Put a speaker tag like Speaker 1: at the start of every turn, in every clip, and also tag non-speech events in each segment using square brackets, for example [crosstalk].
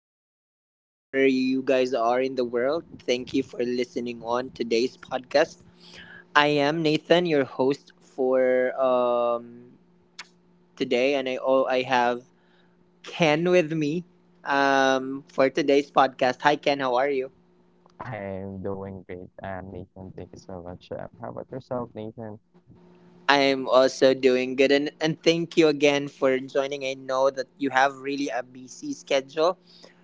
Speaker 1: wherever you guys are in the world. Thank you for listening on today's podcast. I am Nathan, your host for today, and I have Ken with me for today's podcast. Hi, Ken, how are you?
Speaker 2: I'm doing great, Nathan. Thank you so much. How about yourself, Nathan?
Speaker 1: I'm also doing good, and thank you again for joining. I know that you have really a busy schedule,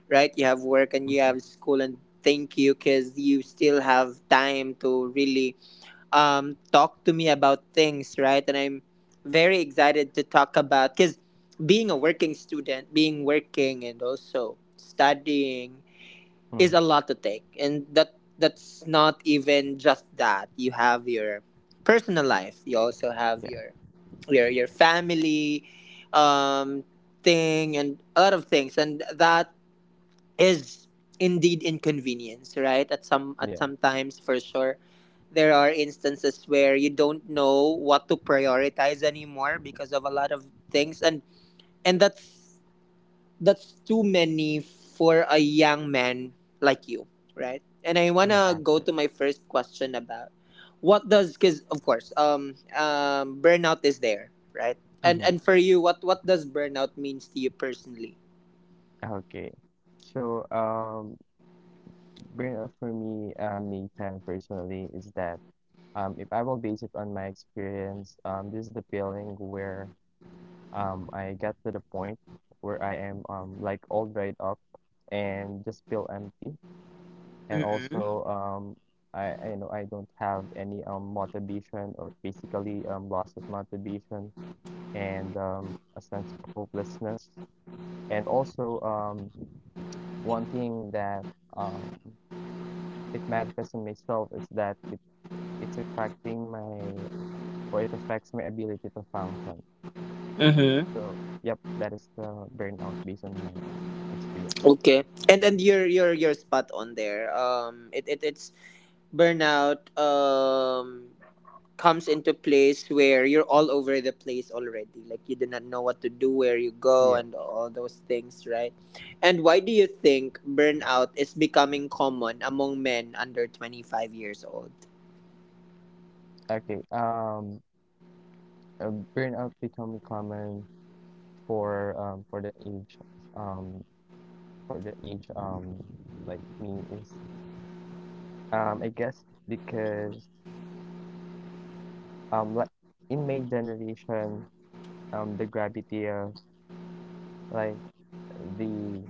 Speaker 1: right? You have work and you
Speaker 2: Mm-hmm.
Speaker 1: have school, and thank you because you still have time to really talk to me about things, right? And I'm very excited to talk about because being a working student, being working, and also studying is
Speaker 2: Mm-hmm.
Speaker 1: a lot to take, and that's not even just that. You have your personal life. You also have
Speaker 2: Yeah,
Speaker 1: your your family um thing and a lot of things, and that is indeed inconvenience, right? At
Speaker 2: yeah,
Speaker 1: sometimes for sure. There are instances where you don't know what to prioritize anymore because of a lot of things, and that's too many for a young man like you, right? And I want
Speaker 2: yeah,
Speaker 1: to go to
Speaker 2: actually.
Speaker 1: my first question about what does cuz of course, burnout is there, right?
Speaker 2: Mm-hmm.
Speaker 1: And for you, what does burnout means to you personally?
Speaker 2: Okay. So, um, Burnout for me, Nathan, personally, is that if I will base it on my experience, this is the feeling where I get to the point where I am like all dried up and just feel empty. And
Speaker 1: Mhm.
Speaker 2: also, I know I don't have any motivation or basically loss of motivation and a sense of hopelessness. And also, one thing that um, it manifests in myself is that it's affecting or it affects my ability to function. So, yep, that is the burnout based on my experience.
Speaker 1: Okay. And you're spot on there. It's burnout comes into place where you're all over the place already. Like you do not know what to do, where you go,
Speaker 2: Yeah.
Speaker 1: and all those things, right? And why do you think burnout is becoming common among men under 25 years old?
Speaker 2: Okay. Uh, Burnout become common for the age um for the age like me is I guess because like in my generation the gravity of like the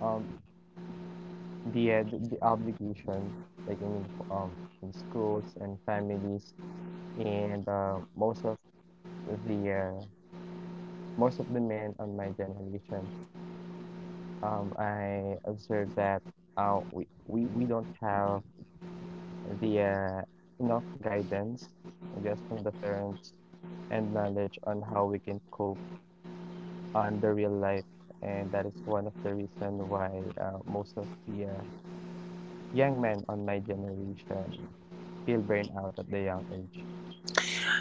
Speaker 2: um the the obligation I mean in schools and families and the uh, most of the men on my generation I observed that we don't have the enough guidance, I guess, from the parents and knowledge on how we can cope on the real life. And that is one of the reason why most of the young men on my generation feel burnout at the young age.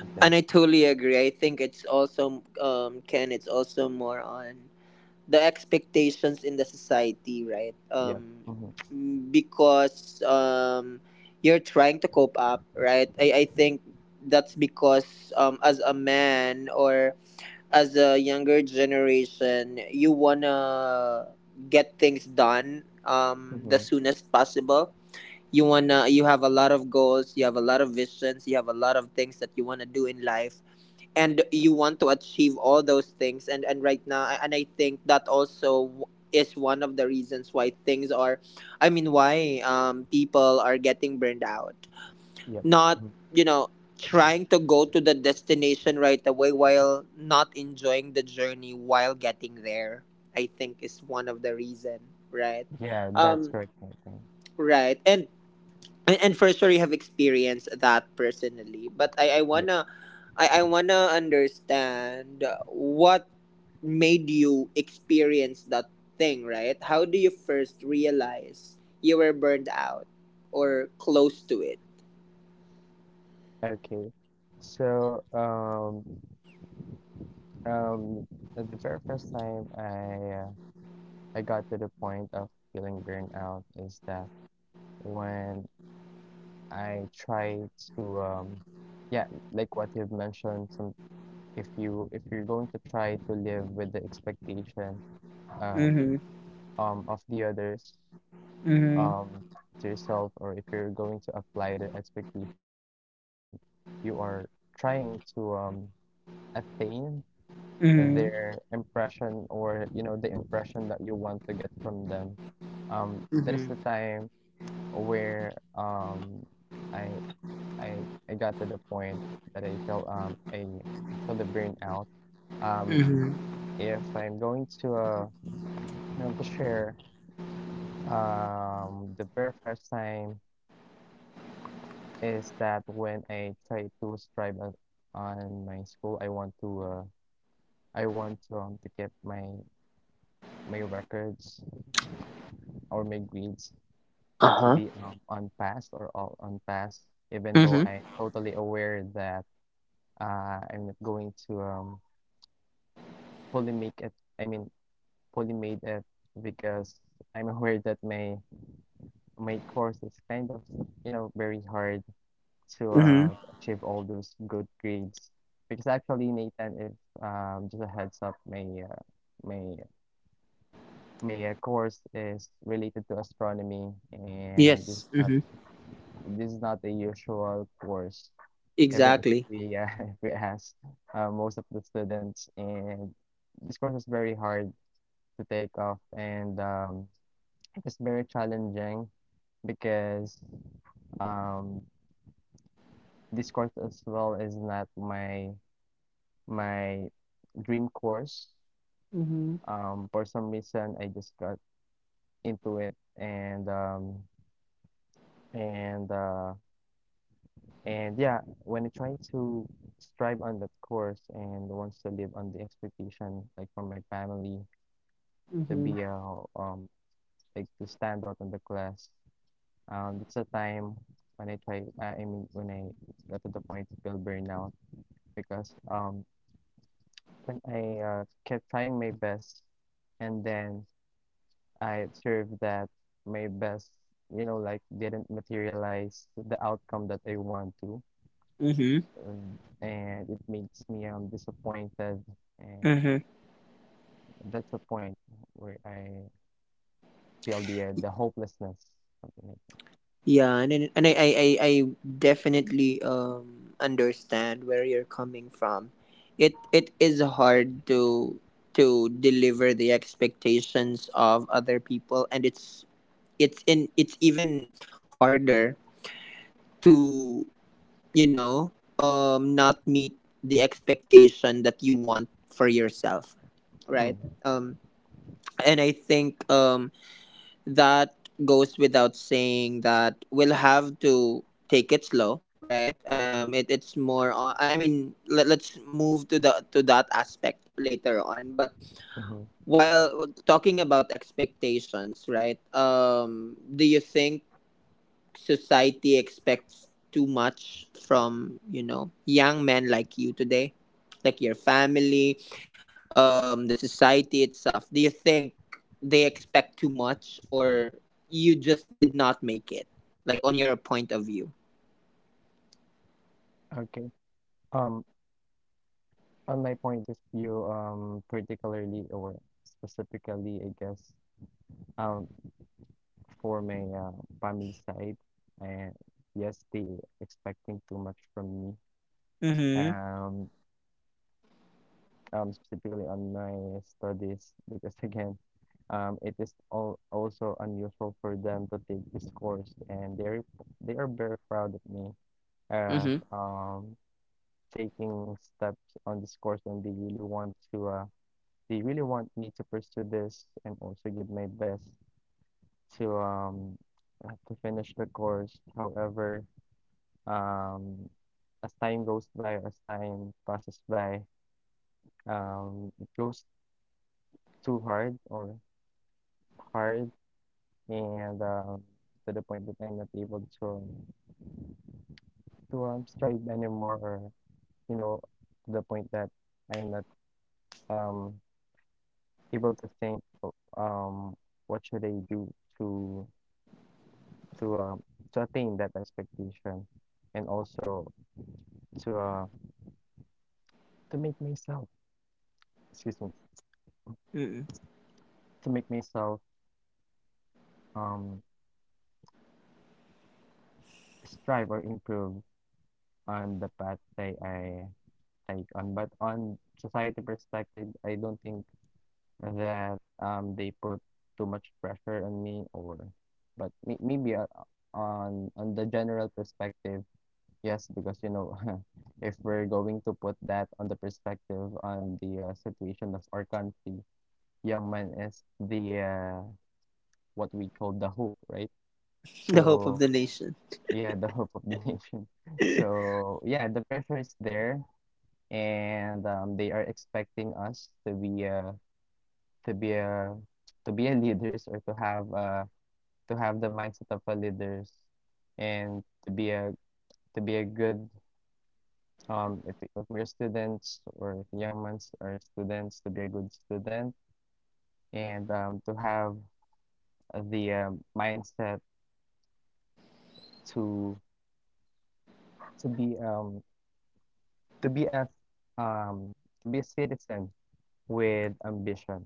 Speaker 2: Something
Speaker 1: And I
Speaker 2: like
Speaker 1: totally agree. I think it's also, um, Ken, it's also more on the expectations in the society, right?
Speaker 2: Yep. Mm-hmm.
Speaker 1: Because you're trying to cope up, right? I think that's because, as a man or as a younger generation, you wanna get things done the
Speaker 2: Mm-hmm.
Speaker 1: soonest possible. You have a lot of goals, you have a lot of visions, you have a lot of things that you wanna do in life, and you want to achieve all those things, and right now. And I think that also is one of the reasons why things are I mean why people are getting burned out,
Speaker 2: Yep.
Speaker 1: not,
Speaker 2: Mhm.
Speaker 1: you know, trying to go to the destination right away while not enjoying the journey while getting there. I think is one of the reason, right?
Speaker 2: Yeah, that's
Speaker 1: um
Speaker 2: correct, Nathan.
Speaker 1: right and and for sure you have experienced that personally, but i i
Speaker 2: Yeah.
Speaker 1: wanna I, I wanna understand what made you experience that thing, right? How do you first realize you were burned out or close to it?
Speaker 2: Okay. So, um, um, the very first time I got to the point of feeling burned out is that when I try to yeah, like what you've mentioned, some if you if you're going to try to live with the expectation uh,
Speaker 1: Mm-hmm.
Speaker 2: of the others
Speaker 1: Mm-hmm.
Speaker 2: um to yourself, or if you're going to apply their expectation to yourself and you are trying to attain
Speaker 1: Mm-hmm.
Speaker 2: their impression, or you know the impression that you want to get from them, that is the
Speaker 1: Mm-hmm.
Speaker 2: time where I I I got to the point that I felt I felt the burnout. Um,
Speaker 1: Mm-hmm.
Speaker 2: if I'm going to you know to share the very first time is that when I try to on my school, I want to to get my records or my grades to
Speaker 1: Uh-huh.
Speaker 2: be on pass or all on pass, even though
Speaker 1: Mm-hmm.
Speaker 2: I'm totally aware that I'm not going to fully make it. I mean, fully made it, because I'm aware that my course is kind of, you know, very hard to
Speaker 1: Mm-hmm.
Speaker 2: achieve all those good grades. Because actually, Nathan, if just a heads up, my my course is related to astronomy, and
Speaker 1: Yes. Mm-hmm.
Speaker 2: this is not a usual course, even if
Speaker 1: Exactly.
Speaker 2: we [laughs] if we ask most of the students, and this course is very hard to take off, and it's very challenging because um, this course as well is not my dream course.
Speaker 1: Mm-hmm.
Speaker 2: For some reason I just got into it, and and uh, and yeah, when I try to strive on that course and wants to live on the expectation like from my family to
Speaker 1: Mm-hmm.
Speaker 2: be a um like to stand out in the class. It's a time when I mean, when I got to the point to feel burnout, because when I kept trying my best and then I observed that my best, you know, like didn't materialize the outcome that I want to,
Speaker 1: Mm-hmm.
Speaker 2: and it makes me disappointed, and that's the point where I feel the hopelessness, something like that.
Speaker 1: Yeah, and I definitely, um, understand where you're coming from. It is hard to deliver the expectations of other people, and it's even harder to, you know, not meet the expectation that you want for yourself, right?
Speaker 2: Mm,
Speaker 1: Um, and I think that goes without saying that we'll have to take it slow, right? It's more on, I mean, let's move to the to that aspect later on. But
Speaker 2: mhm.
Speaker 1: while talking about expectations, right, um, do you think society expects too much from, you know, young men like you today, like your family, the society itself? Do you think they expect too much or you just did not make it? Like on your point of view?
Speaker 2: Okay. Um, on my point of view, particularly or specifically, I guess, um, for my family side, and yes, they expecting too much from me.
Speaker 1: Mm-hmm.
Speaker 2: Um, Specifically on my studies, because [laughs] again, it is all also unusual for them to take this course, and they are very proud of me, uh,
Speaker 1: Mm-hmm.
Speaker 2: um, taking steps on this course, and they really want to, they really want me to pursue this and also give my best to um to finish the course. However, um as time goes by, or as time passes by, it goes too hard or hard, and to the point that I'm not able to strive anymore, or you know, to the point that I'm not um able to think um what should I do to to um to attain that expectation, and also to uh, to make myself, excuse me,
Speaker 1: Mm-hmm.
Speaker 2: to make myself um strive or improve on the path that I take on. But on society perspective, I don't think that they put too much pressure on me, or but maybe on the general perspective, yes, because you know [laughs] if we're going to put that on the perspective on the situation of our country, young man is the what we call the hope, right?
Speaker 1: [laughs] The hope of
Speaker 2: So
Speaker 1: the nation.
Speaker 2: yeah, the hope of the [laughs] nation.
Speaker 1: [laughs]
Speaker 2: So yeah, the pressure is there, and they are expecting us to be to be a to be a leaders, or to have the mindset of a leaders, and to be a good if we're students, or if young ones are students, to be a good student, and to have the mindset to to be um to be a um to be a citizen with ambition,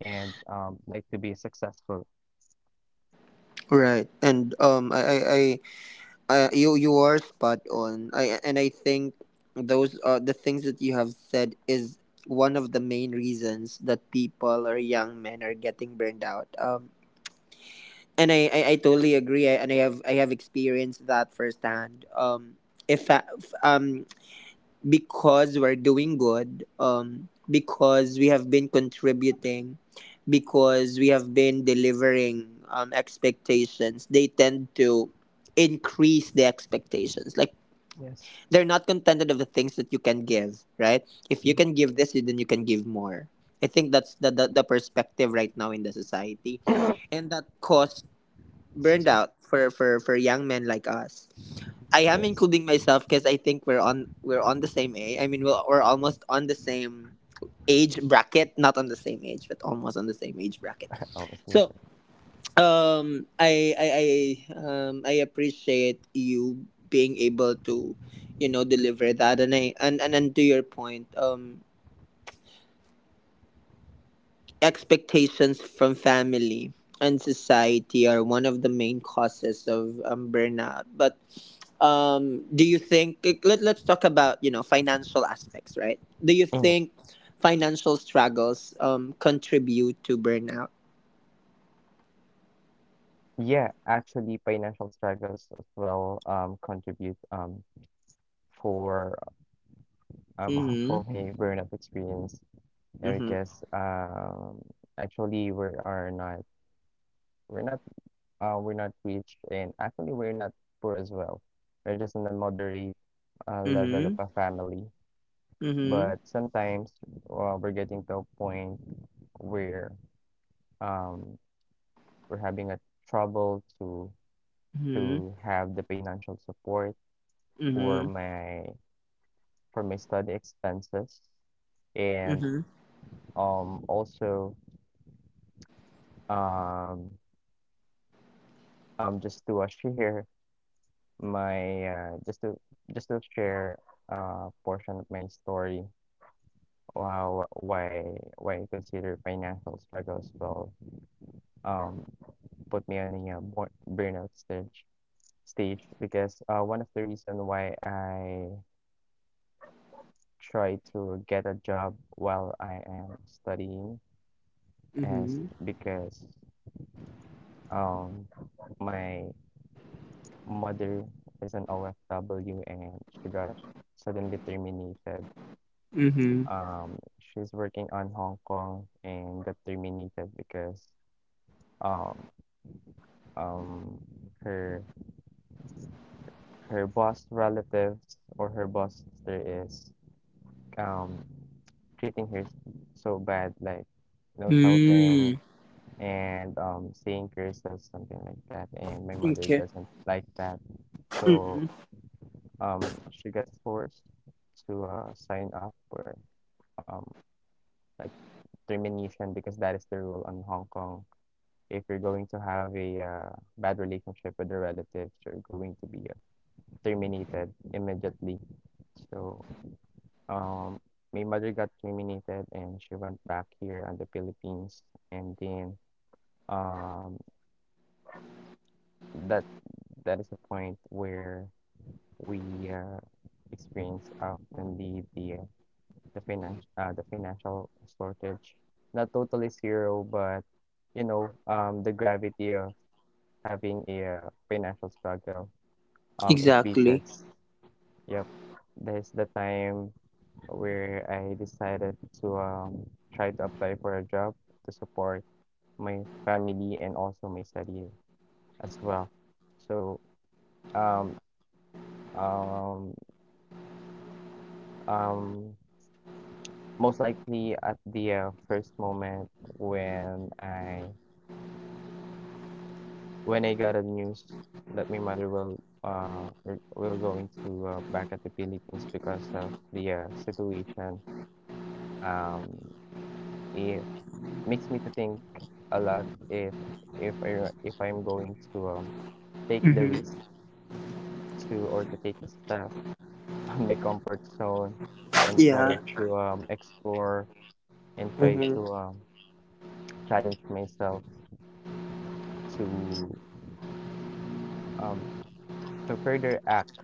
Speaker 2: and like to be successful.
Speaker 1: Right. And I you you are spot on. I and I think those, uh, the things that you have said is one of the main reasons that people or young men are getting burned out. And I totally agree. And I have experienced that firsthand. If I- f- because we're doing good. Because we have been contributing, because we have been delivering, um, expectations. They tend to increase the expectations. Like,
Speaker 2: Yes.
Speaker 1: they're not contented of the things that you can give, right? If you can give this, then you can give more. I think that's the perspective right now in the society, and that caused
Speaker 2: Excuse me.
Speaker 1: burnout for, for young men like us. I am
Speaker 2: Yes.
Speaker 1: including myself because I think we're on the same age. I mean, we're almost on the same age bracket, not on the same age, but almost on the same age bracket.
Speaker 2: [laughs] I was
Speaker 1: So,
Speaker 2: listening.
Speaker 1: um, I appreciate you being able to, you know, deliver that. And to your point, um, expectations from family and society are one of the main causes of, burnout. But, um, do you think, like, let's talk about, you know, financial aspects, right? Do you
Speaker 2: Mm.
Speaker 1: think financial struggles, um, contribute to burnout?
Speaker 2: Yeah, actually financial struggles as well contribute for [laughs]
Speaker 1: Mhm.
Speaker 2: for my burnout experience. Yeah,
Speaker 1: Mhm.
Speaker 2: because actually we're not we're not rich, and actually, we're not poor as well. We're just on a moderate level of
Speaker 1: Mhm.
Speaker 2: a family.
Speaker 1: Mhm.
Speaker 2: But sometimes we're getting to a point where um, we're having a trouble
Speaker 1: Mhm.
Speaker 2: to have the financial support for
Speaker 1: Mhm.
Speaker 2: my study expenses, and
Speaker 1: Mhm.
Speaker 2: also um just to [laughs] share my just to share a portion of my story. Wow, why consider financial struggles will um put me on a burnout stage, because one of the reason why I try to get a job while I am studying is
Speaker 1: Mhm.
Speaker 2: because um my mother is an OFW, and she got suddenly terminated.
Speaker 1: Mhm.
Speaker 2: She's working on Hong Kong and got terminated because um um her her boss relatives, or her boss sister, is um treating so bad, like you know shouting,
Speaker 1: Mm.
Speaker 2: and saying curses, something like that, and my mother
Speaker 1: Okay.
Speaker 2: doesn't like that, so
Speaker 1: Mm-mm.
Speaker 2: she got forced to sign up for um like termination, because that is the rule in Hong Kong: if you're going to have a bad relationship with the relatives, you're going to be terminated immediately. So, um, my mother got terminated and she went back here on the Philippines. And then, um, that that is the point where we experience often the financial the financial shortage. Not totally zero, but you know, the gravity of having a financial struggle
Speaker 1: Exactly.
Speaker 2: increases. Yep, that is the time where I decided to try to apply for a job to support my family and also my study as well. So um um um Most likely at the first moment when I got a news that my mother will going to back at the Philippines because of the situation, um i- makes me to think a lot if I'm going to take the
Speaker 1: Mhm.
Speaker 2: risk to, or to take the step [laughs] on my comfort zone, and
Speaker 1: Yeah.
Speaker 2: try to explore, and try
Speaker 1: Mhm.
Speaker 2: to challenge myself to um, to further act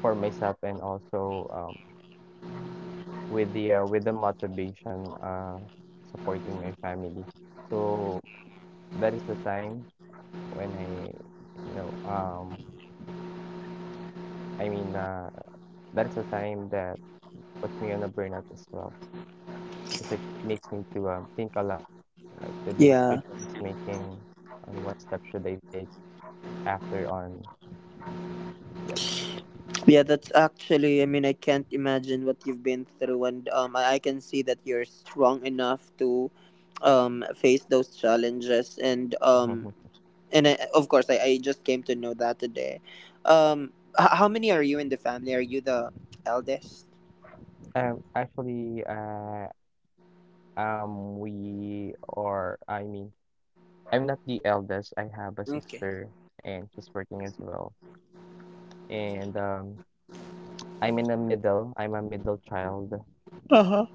Speaker 2: for myself, and also with the motivation supporting my family. So that is the time when I you know I mean, uh, that is a time that puts me on a burnout as well, because it makes me to think a lot, like the
Speaker 1: Yeah.
Speaker 2: decisions making on what step should I take after on. Yep. [laughs]
Speaker 1: Yeah. That's actually, I mean, I can't imagine what you've been through, and, I can see that you're strong enough to, face those challenges. And, and I, of course, I just came to know that today. Um, how many are you in the family? Are you the eldest?
Speaker 2: Actually, I mean, I'm not the eldest. I have a
Speaker 1: Okay.
Speaker 2: sister and she's working as well. And I'm in the middle. I'm a middle child.
Speaker 1: Uh huh.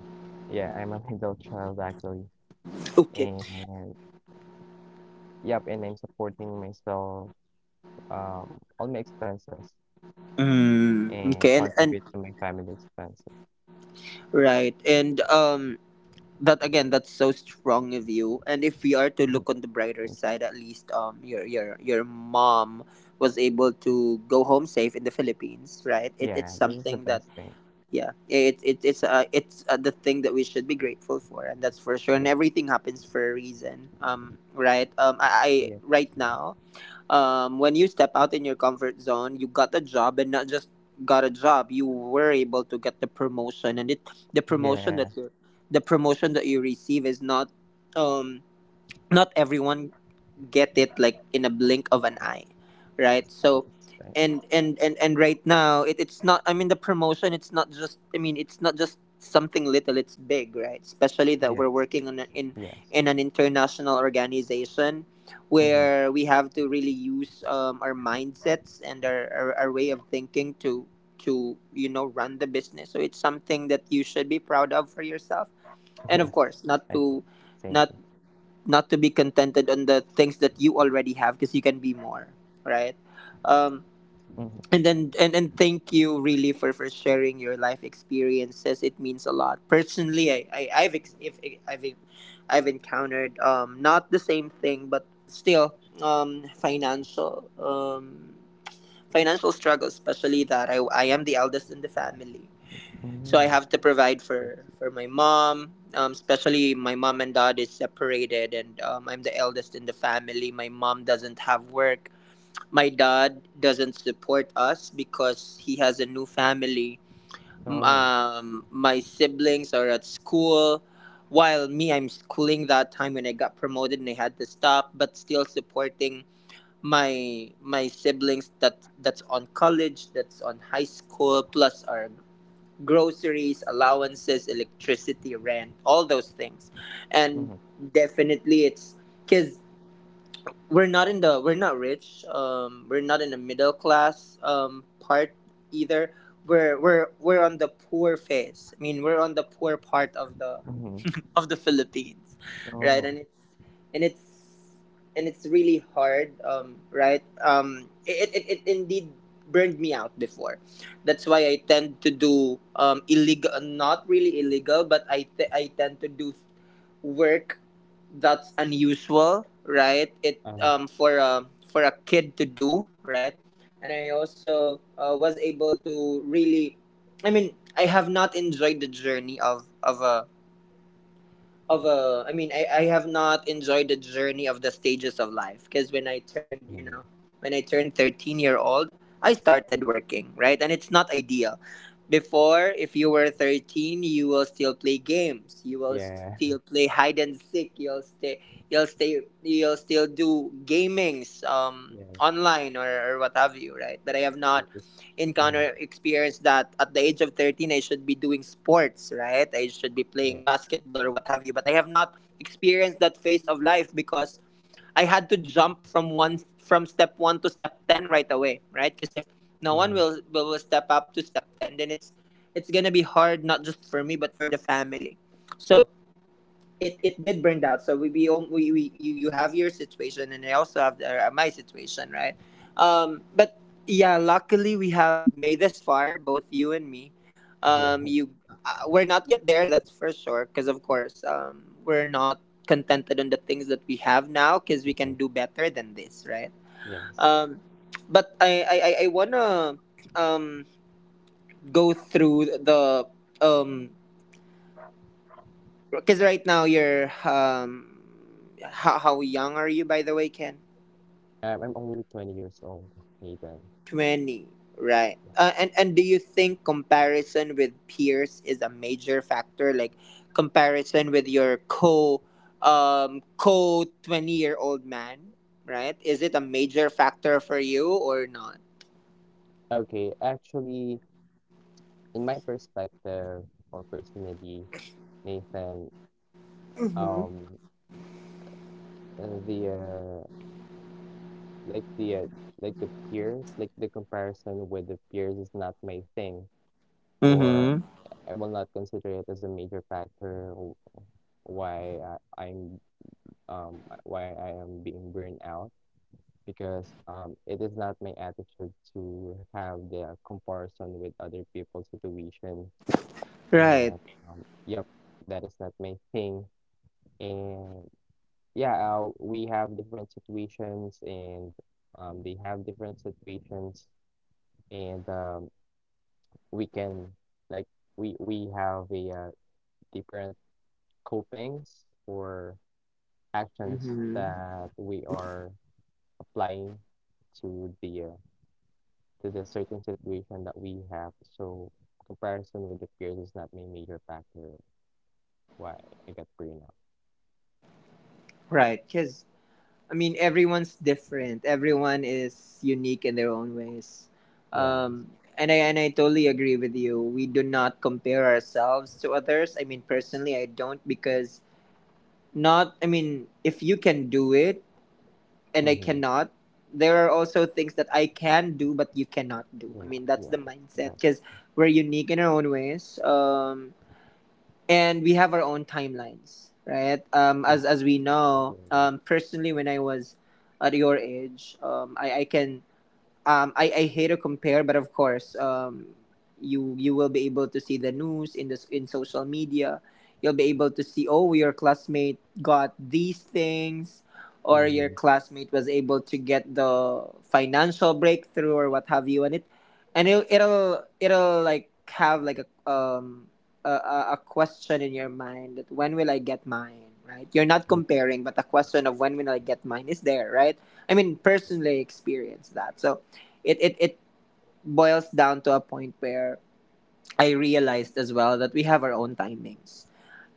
Speaker 2: Yeah, I'm a [laughs] middle child actually.
Speaker 1: Okay.
Speaker 2: And Yep, and I'm supporting myself, um, all my expenses,
Speaker 1: Mm,
Speaker 2: and
Speaker 1: okay. And
Speaker 2: contribute to my family expenses.
Speaker 1: right. And, um, that again, that's so strong of you. And if we are to look on the
Speaker 2: [laughs]
Speaker 1: brighter
Speaker 2: Thank you.
Speaker 1: side, at least, um, your mom was able to go home safe in the Philippines, right? It it's
Speaker 2: Yeah, this is the
Speaker 1: something that,
Speaker 2: best thing.
Speaker 1: yeah, it it's the thing that we should be grateful for, and that's for sure. And
Speaker 2: Yep.
Speaker 1: everything happens for a reason. Um, right? I
Speaker 2: Yes.
Speaker 1: right now, when you step out in your comfort zone, you got a job, and not just got a job, you were able to get the promotion. And it the promotion
Speaker 2: Yeah,
Speaker 1: that you the promotion that you receive is not, um, not everyone get it like in a blink of an eye, right? So,
Speaker 2: that's right.
Speaker 1: and right now, it's not, I mean, the promotion, it's not just, I mean, it's not just something little, it's big, right? Especially that we're
Speaker 2: Yes.
Speaker 1: working on
Speaker 2: Yes.
Speaker 1: in an international organization
Speaker 2: Mm-hmm.
Speaker 1: where we have to really use, our mindsets and our way of thinking to, you know, run the business. So it's something that you should be proud of for yourself,
Speaker 2: [laughs]
Speaker 1: and of
Speaker 2: Yes.
Speaker 1: course,
Speaker 2: I hope. Thank
Speaker 1: not
Speaker 2: you.
Speaker 1: not to be contented on the things that you already have, because you can be more, right? Um,
Speaker 2: Mm-hmm.
Speaker 1: and thank you really for sharing your life experiences. It means a lot personally. I I've ex- if I've I've encountered, um, not the same thing, but still, um, financial struggles, especially that I am the eldest in the family. So I
Speaker 2: Mm-hmm.
Speaker 1: have to provide
Speaker 2: I
Speaker 1: for
Speaker 2: see.
Speaker 1: for my mom. Especially my mom and dad is separated, and, I'm the eldest in the family. My mom doesn't have work. My dad doesn't support us because he has a new family.
Speaker 2: Oh.
Speaker 1: My siblings are at school, while me, I'm schooling that time when I got promoted and I had to stop, but still supporting my my siblings that's on college, that's on high school, plus our groceries, allowances, electricity, rent, all those things. And
Speaker 2: Mm-hmm.
Speaker 1: definitely it's, cuz, we're not rich. Um, we're not in the middle class, um, part either. We're on the poor phase. I mean, we're on the poor part of the
Speaker 2: Mm-hmm.
Speaker 1: [laughs] of the Philippines, right?
Speaker 2: Oh.
Speaker 1: And and it's it's really hard, right? It indeed burned me out before. That's why I tend to do, illegal, not really illegal, but I tend to do work that's unusual, right? It,
Speaker 2: Uh,
Speaker 1: um, for a kid to do, right? And I also, was able to really, I mean, I have not enjoyed the journey of a. I mean, I have not enjoyed the journey of the stages of life because when I turned, you
Speaker 2: mm-hmm.
Speaker 1: know, when I turned 13 year old, I started working, right, and it's not ideal. Before, if you were 13, you will still play games. You will
Speaker 2: Yeah.
Speaker 1: still
Speaker 2: [laughs]
Speaker 1: play hide and seek. You'll stay. You'll still do gamings. Um,
Speaker 2: Yes.
Speaker 1: online or what have you, right? But I have
Speaker 2: It
Speaker 1: not
Speaker 2: is. Mm-hmm.
Speaker 1: encounter experience that at the age of 13 I should be doing sports, right? I should be playing
Speaker 2: Yes.
Speaker 1: basketball or what have you, but I have not experienced that phase of life because I had to jump from one from step 1 to step 10 right away, right? Because if no one
Speaker 2: Mm-hmm.
Speaker 1: will step up to step 10, then it's going to be hard not just for me but for the family. So, it did burn out. So we, you have your situation, and I also have my situation, right? But yeah, luckily we have made this far, both you and me.
Speaker 2: Yeah.
Speaker 1: Um,
Speaker 2: [laughs]
Speaker 1: you, we're not yet there. That's for sure. Because of course, we're not contented on the things that we have now. Because we can
Speaker 2: Mm-hmm.
Speaker 1: do better than this, right?
Speaker 2: Yes.
Speaker 1: Um, but I wanna um go through the um because right now you're how young are you by the way, Ken?
Speaker 2: I'm only 20 years old, Nathan.
Speaker 1: 20, right?
Speaker 2: Yeah.
Speaker 1: And do you think comparison with peers is a major factor, like comparison with your co co 20 year old man, right? Is it a major factor for you or not?
Speaker 2: Okay, actually, in my perspective or personally, Nathan,
Speaker 1: Mm-hmm.
Speaker 2: um, uh, the uh, like the uh, the peers, like the comparison with the peers is not my thing, or
Speaker 1: Mm-hmm.
Speaker 2: I will not consider it as a major factor why I, I'm why I am being burned out because it is not my attitude to have the comparison with other people's situation.
Speaker 1: Right.
Speaker 2: And yep, that is not my thing. And yeah, we have different situations, and they have different situations, and we can, like, we have a different copings or actions
Speaker 1: Mm-hmm.
Speaker 2: that we are applying to the uh, to the certain situation that we have. So comparison with the peers is not my major factor why I got burnout.
Speaker 1: Right. Because I mean, everyone's different. Everyone is unique in their own ways.
Speaker 2: Yes.
Speaker 1: Um, and I totally agree with you. We do not compare ourselves to others. I mean, personally, I don't because not. I mean, if you can do it and I
Speaker 2: Mm-hmm.
Speaker 1: cannot, there are also things that I can do but you cannot do. I
Speaker 2: You know,
Speaker 1: mean, that's the
Speaker 2: yes,
Speaker 1: mindset
Speaker 2: that's
Speaker 1: because we're unique in our own ways. And we have our own timelines, right?
Speaker 2: mm,
Speaker 1: As we know,
Speaker 2: totally right.
Speaker 1: personally, when I was at your age, I can I hate to compare, but of course, you you will be able to see the news in this in social media. You'll be able to see, oh, your classmate got these things, or your
Speaker 2: Mm-hmm.
Speaker 1: classmate was able to get the financial breakthrough or what have you, and it, it'll like have like a question in your mind that when will I get mine, right? You're not
Speaker 2: Mm,
Speaker 1: comparing, but the question of when will I get mine is there, right? I mean,
Speaker 2: yes,
Speaker 1: personally experience that. So it boils down to a point where I realized as well that we have our own timings,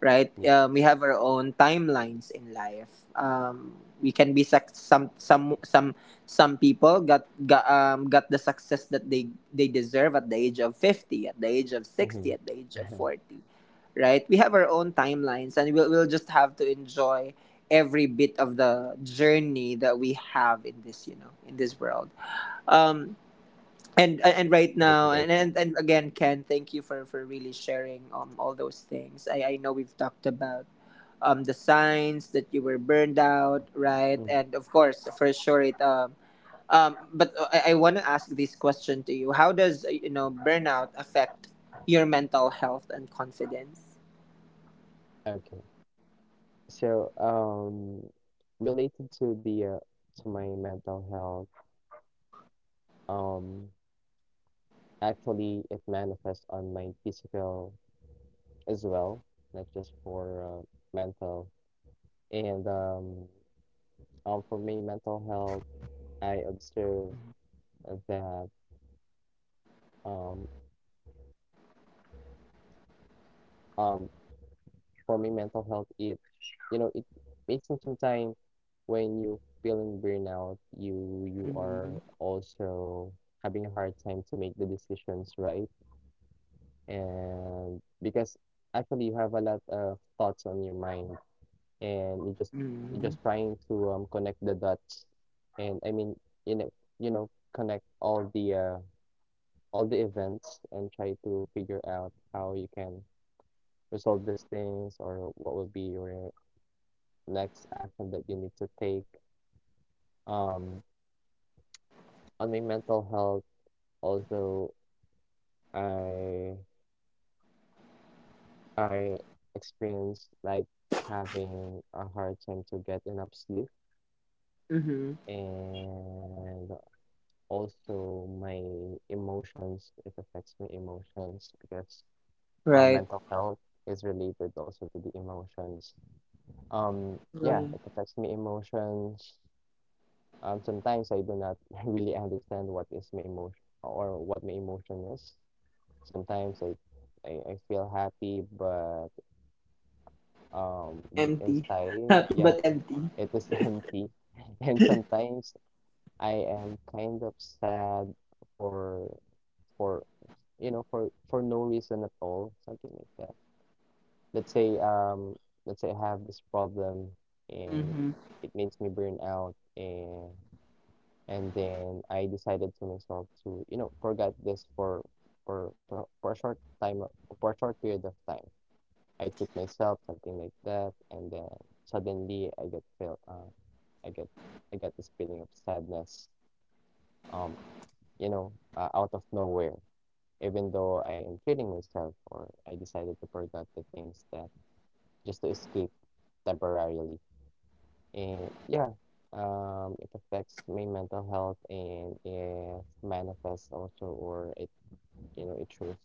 Speaker 1: right? We
Speaker 2: yes.
Speaker 1: have our own timelines in life. We can be suc some people got the success that they deserve at the age of 50, at the age of
Speaker 2: Mm-hmm.
Speaker 1: 60, at the age of
Speaker 2: [laughs]
Speaker 1: 40, right? We have our own timelines, and we'll just have to enjoy every bit of the journey that we have in this you know in this world. Um, and right now,
Speaker 2: Totally agree.
Speaker 1: and again, Ken, thank you for really sharing all those things. I know we've talked about the signs that you were burned out, right?
Speaker 2: Mm.
Speaker 1: And of course, for sure, I want to ask this question to you: how does you know, burnout affect your mental health and confidence?
Speaker 2: Okay. So, related to the to my mental health, um, actually, it manifests on my physical as well, not just for mental. And for my mental health, I observe that um, um, for me, mental health, it, you know, it makes me sometimes when you feeling burnout, you are
Speaker 1: Mm-hmm.
Speaker 2: also having a hard time to make the decisions, right, and because actually you have a lot of thoughts on your mind, and you're
Speaker 1: Mm-hmm.
Speaker 2: just trying to connect the dots, and I mean, you know, you know, connect all the events and try to figure out how you can resolve these things or what will be your next action that you need to take. Um, on my mental health, also, I I experienced like having a hard time to get enough sleep,
Speaker 1: Mm-hmm.
Speaker 2: and also my emotions. It affects my emotions because
Speaker 1: Right.
Speaker 2: mental health is related also to the emotions. Yeah,
Speaker 1: Right.
Speaker 2: it affects my emotions. Sometimes I do not [laughs] really understand what is my emotion or what my emotion is. Sometimes I feel happy, but deep
Speaker 1: Empty. [laughs]
Speaker 2: inside,
Speaker 1: Happy
Speaker 2: yeah,
Speaker 1: but empty.
Speaker 2: it is [laughs] empty. And sometimes I am kind of sad for for you know for no reason at all, something like that. Let's say um, let's say I have this problem and
Speaker 1: Mm-hmm.
Speaker 2: it makes me burn out. And Then I decided to myself to, you know, forget this for a short time, for a short period of time. I treat myself something like that, and then suddenly I get, I get this feeling of sadness, um, you know, out of nowhere. Even though I am treating myself, or I decided to forget the things that, just to escape temporarily. And yeah, it affects my mental health and it manifests also, or it, you know, it shows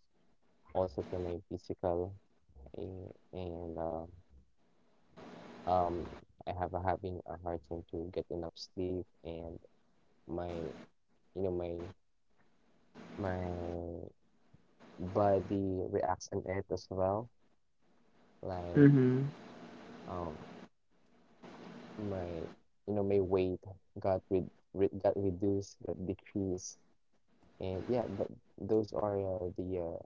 Speaker 2: also to my physical. And um, I have a, having a hard time to get enough sleep, and my, you know, my body reacts on it as well. Like
Speaker 1: Mm-hmm.
Speaker 2: um, my, you know, my weight got re re got reduced, got decreased. And yeah, th Those are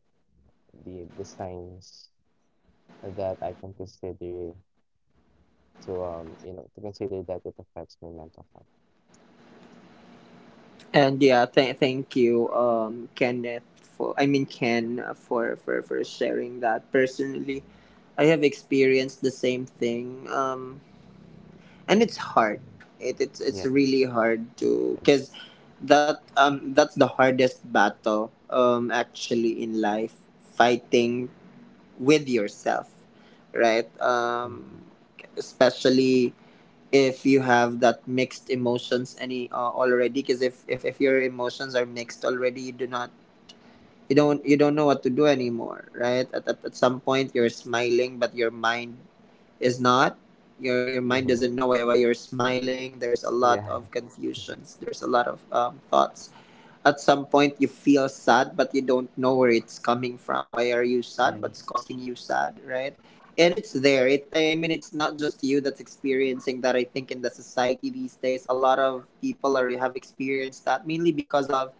Speaker 2: the signs that I can consider to you know to consider that it affects my mental health.
Speaker 1: And yeah, thank you, Kenneth. For I mean Ken, for sharing that. Personally, I have experienced the same thing. And it's hard. It's
Speaker 2: Yes.
Speaker 1: really hard
Speaker 2: I
Speaker 1: to
Speaker 2: agree.
Speaker 1: because that that's the hardest battle actually in life, fighting with yourself, right?
Speaker 2: Mm-hmm.
Speaker 1: Especially if you have that mixed emotions, any already, because if your emotions are mixed already, you do not you don't know what to do anymore, right? At some point you're smiling but your mind is not. Your mind
Speaker 2: Mm-hmm.
Speaker 1: doesn't know why you're smiling. There's a lot
Speaker 2: Yeah.
Speaker 1: of confusions, there's a lot of thoughts. At some point you feel sad but you don't know where it's coming from, why are you sad, what's
Speaker 2: Yes.
Speaker 1: causing you sad, right? And it's there. It I mean It's not just you that's experiencing that. I think in the society these days, a lot of people are have experienced that, mainly because of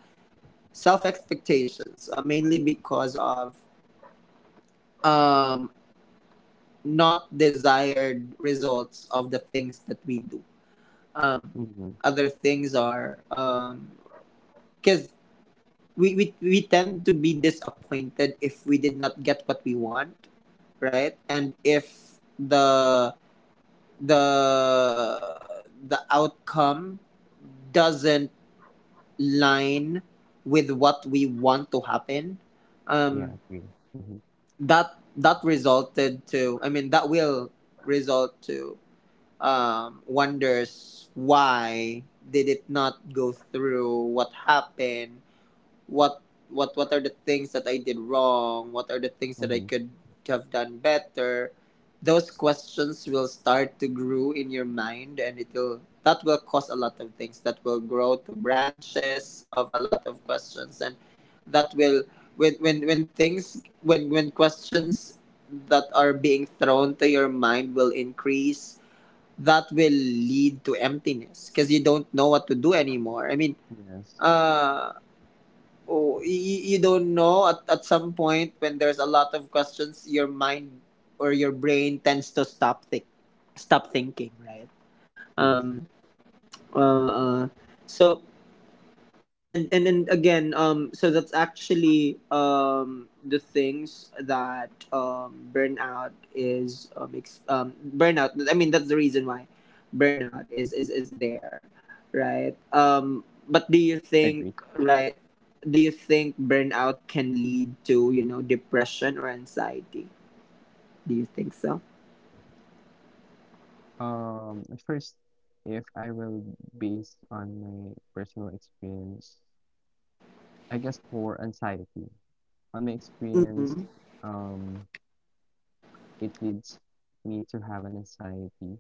Speaker 1: self expectations, mainly because of um not desired results of the things that we do, um
Speaker 2: Mm-hmm.
Speaker 1: other things are because we tend to be disappointed if we did not get what we want, right? And if the the outcome doesn't line with what we want to happen,
Speaker 2: Yeah.
Speaker 1: um
Speaker 2: Agree. Mm-hmm.
Speaker 1: that that resulted to, I mean, that will result to wonders why did it not go through, what happened, what what are the things that I did wrong? What are the things that I
Speaker 2: Mm-hmm.
Speaker 1: could have done better? Those questions will start to grow in your mind, and it will that will cause a lot of things that will grow to branches of a lot of questions, and that will, when things when questions that are being thrown to your mind will increase, that will lead to emptiness because you don't know what to do anymore. I mean,
Speaker 2: Yes.
Speaker 1: uh oh, you, you don't know, at some point, when there's a lot of questions, your mind or your brain tends to stop thinking, right?
Speaker 2: Yes.
Speaker 1: um uh, uh so and then again, so that's actually the things that burnout, I mean, that's the reason why burnout is there, right? But do you think,
Speaker 2: Agree.
Speaker 1: right, do you think burnout can lead to you know depression or anxiety? Do you think so?
Speaker 2: First, if I will base on my personal experience, I guess for anxiety, on my
Speaker 1: Mm-hmm.
Speaker 2: experience, um. It leads me to have an anxiety,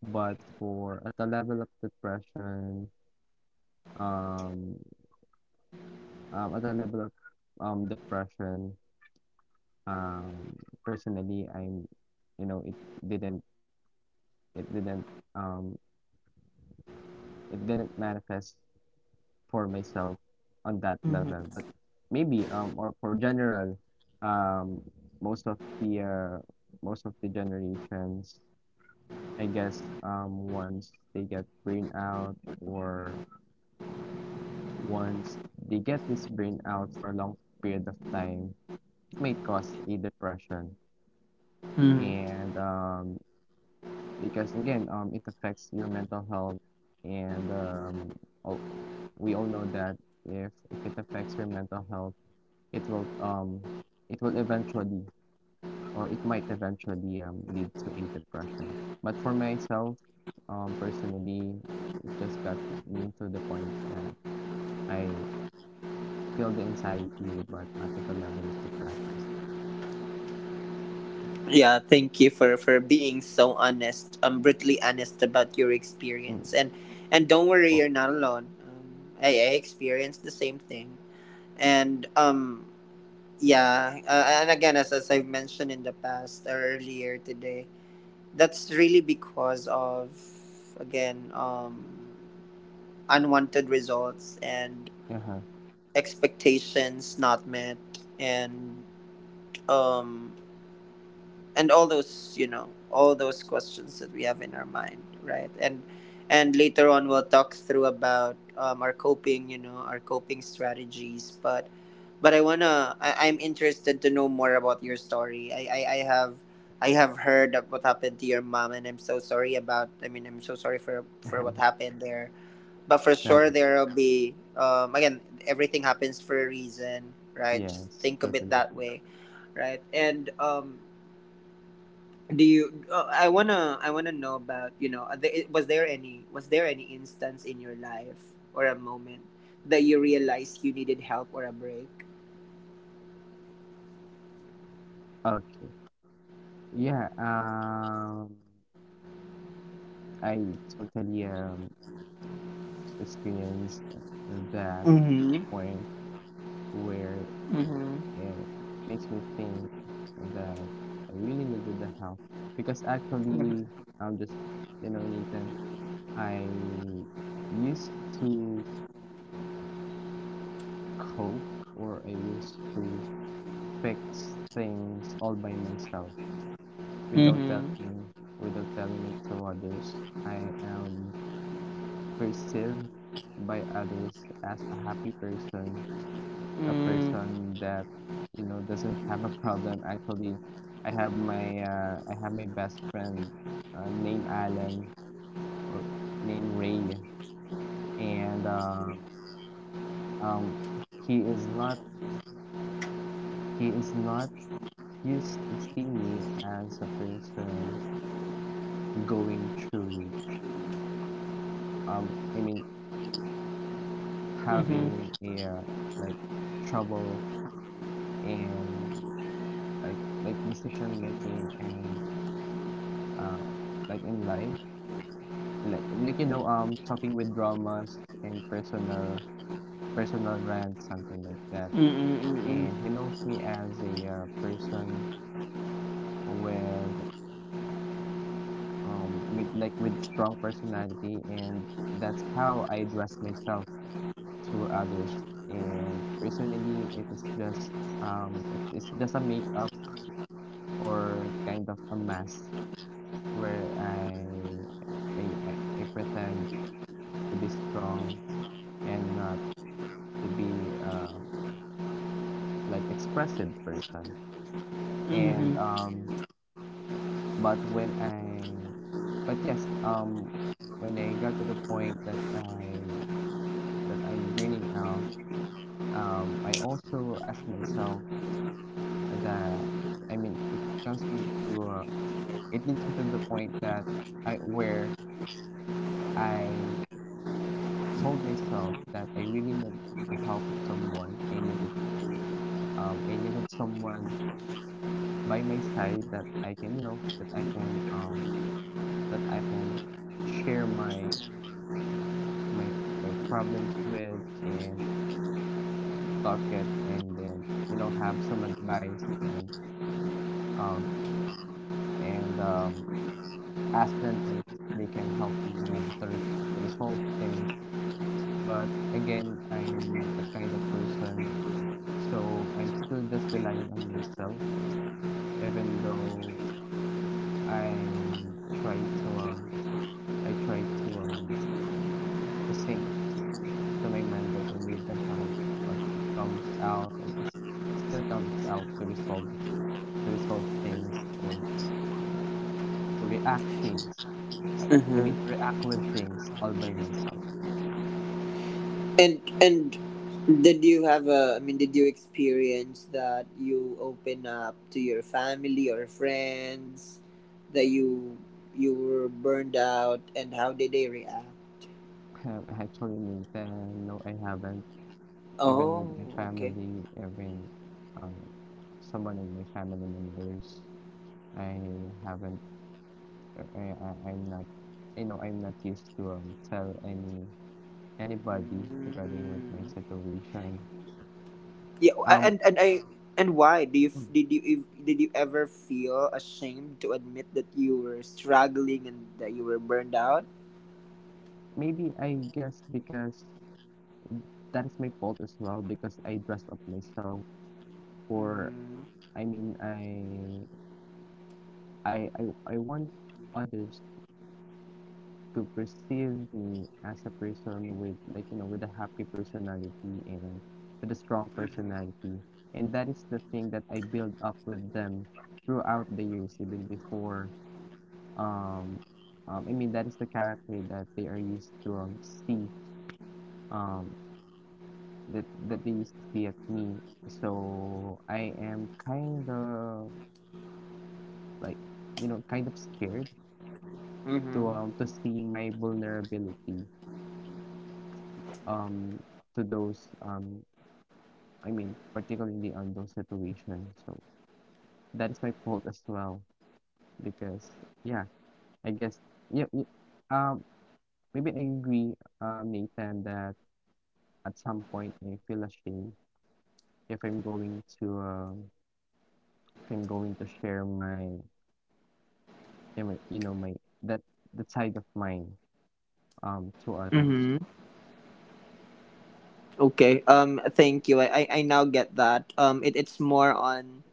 Speaker 2: but for at a level of depression, um, at a level of depression, um, personally, I'm, you know, didn't, it didn't, um, it didn't manifest for myself on that level, but maybe or for general, um, most of the uh, most of the generations I guess once they get brain out or once they get this brain out for a long period of time, it may cause a depression.
Speaker 1: Mm-hmm.
Speaker 2: And because again, it affects your mental health. And all, we all know that if it affects your mental health, it will um, it will eventually or it might eventually lead to a depression. But for myself, personally, it just got me to the point that I feel the anxiety, but not at the level of depression.
Speaker 1: Yeah, thank you for being so honest, brutally honest about your
Speaker 2: Mm.
Speaker 1: experience. And don't worry,
Speaker 2: Oh,
Speaker 1: you're not alone. I experienced the same thing, and yeah, and again, as I've mentioned in the past or earlier today, that's really because of, again, unwanted results and
Speaker 2: uh-huh.
Speaker 1: expectations not met, and um and all those, you know, all those questions that we have in our mind, right? And later on we'll talk through about our coping, you know, our coping strategies. But I, I'm interested to know more about your story. I have heard of what happened to your mom, and I'm so sorry about, I mean, I'm so sorry for what
Speaker 2: [laughs]
Speaker 1: happened there. But for
Speaker 2: No
Speaker 1: sure,
Speaker 2: worries.
Speaker 1: there'll be again, everything happens for a reason, right? Just
Speaker 2: Yes,
Speaker 1: think of it
Speaker 2: totally
Speaker 1: that
Speaker 2: agree.
Speaker 1: way, right? And do you, I want to know about, you know, was there any, was there any instance in your life or a moment that you realized you needed help or a break?
Speaker 2: Okay. Yeah, I totally experienced that
Speaker 1: Mm-hmm.
Speaker 2: point where
Speaker 1: Mm-hmm.
Speaker 2: and makes me think that I really needed the help because actually I'm just, you know, Nathan, I used to cope or I used to fix things all by myself without
Speaker 1: Mm-hmm.
Speaker 2: telling, it to others. I am perceived by others as a happy person, a
Speaker 1: Mm-hmm.
Speaker 2: person that, you know, doesn't have a [laughs] problem. Actually, I have my best friend named Alan or named Ray, and um, he is not he is not used to see me as a person going through I mean having a like trouble and like like decision making and um like in life, like, you know, talking with dramas and personal, personal rants, something like that, and
Speaker 1: Mm-hmm.
Speaker 2: he knows me as a person with with like with strong personality, and that's how I address myself to others. And personally it is just a makeup or kind of a mask where I pretend to be strong and not to be like expressive person. And but when I, but yes when I got to the point that I, that I'm burning out, I also asked myself that, I mean, it leads me to the point that I where I told myself that I really need the help of someone. I needed someone by my side that I can, you know, that I can share my my my problems with and talk it and then, you know, have some advice and um and um ask them if they can help me to, to resolve things. But again, I'm not that kind of person, so I'm still just relying on myself. Even though I try to um I try to sing to my mind that I need the help, but it comes out of this, it still comes out to resolve, things or to react things. I, I mean to
Speaker 1: Uh-huh.
Speaker 2: react with things all by myself. [laughs]
Speaker 1: And did you have a, I mean, did you experience that you open up to your family or friends that you were burned out, and how did they react?
Speaker 2: Actually, Nathan, no, I haven't. Even
Speaker 1: Oh,
Speaker 2: with my
Speaker 1: okay.
Speaker 2: family, even um, someone in my family members, I haven't. I'm not. You know, I'm not used to tell anybody regarding with my
Speaker 1: Mm.
Speaker 2: situation.
Speaker 1: Yeah,
Speaker 2: Um,
Speaker 1: and I, and why do you did you did you ever feel ashamed to admit that you were struggling and that you were burned out?
Speaker 2: Maybe I guess because that is my fault as well, because I dress up myself for
Speaker 1: Mm.
Speaker 2: I mean I want others to perceive me as a person with like, you know, with a happy personality and with a strong
Speaker 1: Mm-hmm.
Speaker 2: personality, and that is the thing that I build up with them throughout the years even before, um, I mean that is the character that they are used to see, um that that they used to see at me. So I am kind of like, you know, kind of scared to see my vulnerability um to those I mean particularly on those situations. So that is my fault as well because yeah I guess yeah um maybe I agree, Nathan, that at some point I feel ashamed if I'm going to if I'm going to share my, yeah, wait, you know, my, that, the side of mine, to others.
Speaker 1: Mm-hmm. Okay. Thank you. I now get that. It, it's more on.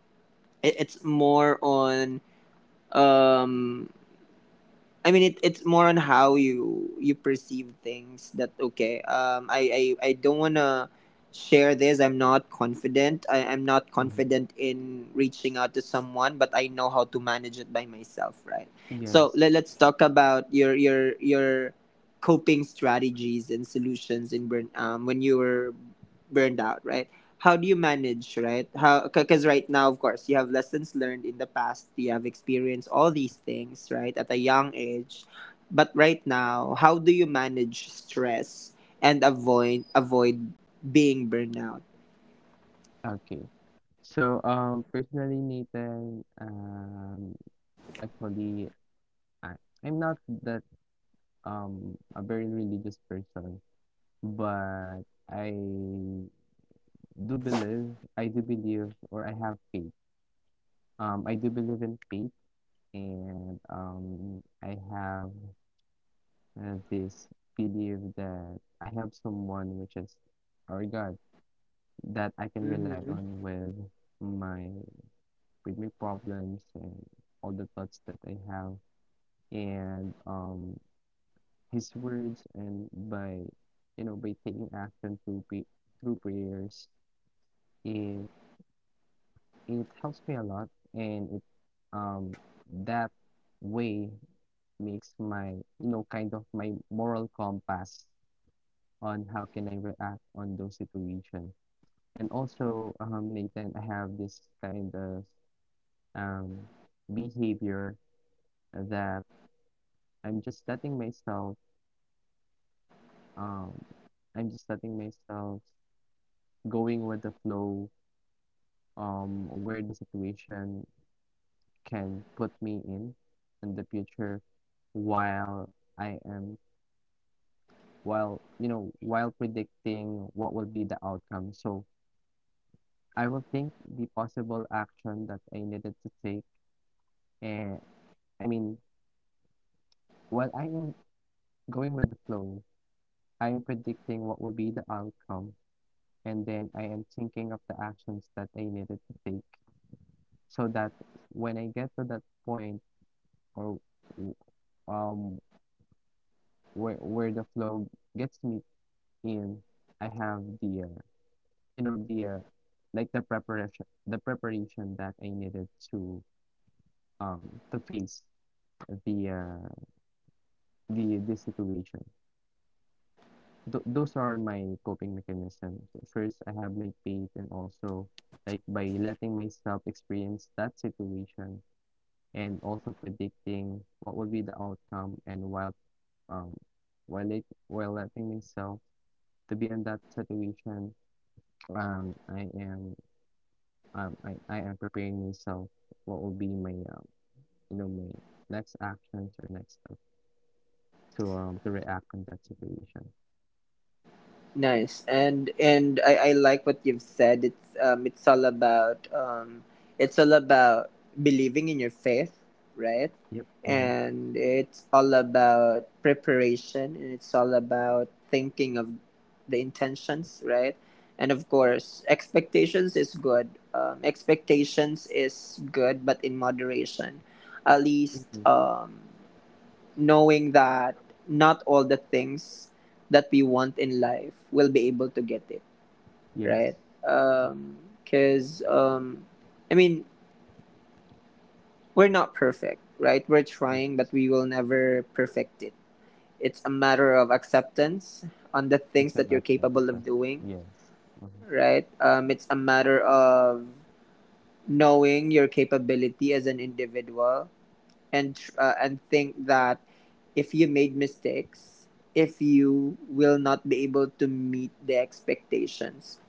Speaker 1: It, it's more on. Um. I mean, it, it's more on how you you perceive things. That okay. I don't wanna share this. I'm not confident. I'm not
Speaker 2: Mhm.
Speaker 1: confident in reaching out to someone, but I know how to manage it by myself, right? So
Speaker 2: Yes.
Speaker 1: let's talk about your coping strategies and solutions in burn, when you were burned out, right? How do you manage, right? How, because right now, of course, you have lessons learned in the past, you have experienced all these things, right, at a young age. But right now, how do you manage stress and avoid being burnout?
Speaker 2: Okay. So, personally, Nathan, actually, I, I'm not that a very religious person, but I I do believe, or I have faith. I do believe in faith, and I have this belief that I have someone which is our God that I can rely
Speaker 1: Mm-hmm.
Speaker 2: on with my, with my problems and all the thoughts that I have, and his words and by, you know, by taking action through prayers. it it helps me a lot, and it um that way makes my, you know, kind of my moral compass on how can I react on those situations. And also Nathan, I have this kind of um, behavior that I'm just letting myself um, I'm just letting myself going with the flow, where the situation can put me in the future, while I am while, you know, while predicting what will be the outcome. So I will think the possible action that I needed to take and I mean while I am going with the flow, I am predicting what will be the outcome and then I am thinking of the actions that I needed to take so that when I get to that point or um where the flow gets me in, I have the you know the like the preparation that I needed to face the uh, the situation. Th those are my coping mechanisms. First, I have my faith, and also like by letting myself experience that situation and also predicting what will be the outcome, and um while letting myself to be in that situation, um I am I am preparing myself what will be my my next actions or next step to react in that situation.
Speaker 1: Nice. And I like what you've said. It's all about it's all about believing in your faith, right?
Speaker 2: Yep. Mm-hmm.
Speaker 1: And it's all about preparation, and it's all about thinking of the intentions, right? And of course, expectations is good. Expectations is good, but in moderation. At least
Speaker 2: Mm-hmm.
Speaker 1: knowing that not all the things that we want in life will be able to get it,
Speaker 2: Yes.
Speaker 1: right? Because, I mean, we're not perfect, right? We're
Speaker 2: Yes.
Speaker 1: trying, but we will never perfect it. It's a matter of acceptance on the
Speaker 2: It's
Speaker 1: things
Speaker 2: a
Speaker 1: that you're
Speaker 2: matter of
Speaker 1: capable of
Speaker 2: just—
Speaker 1: doing,
Speaker 2: yes. Mm-hmm.
Speaker 1: right? It's a matter of knowing your capability as an individual, and think that if you made mistakes, if you will not be able to meet the expectations,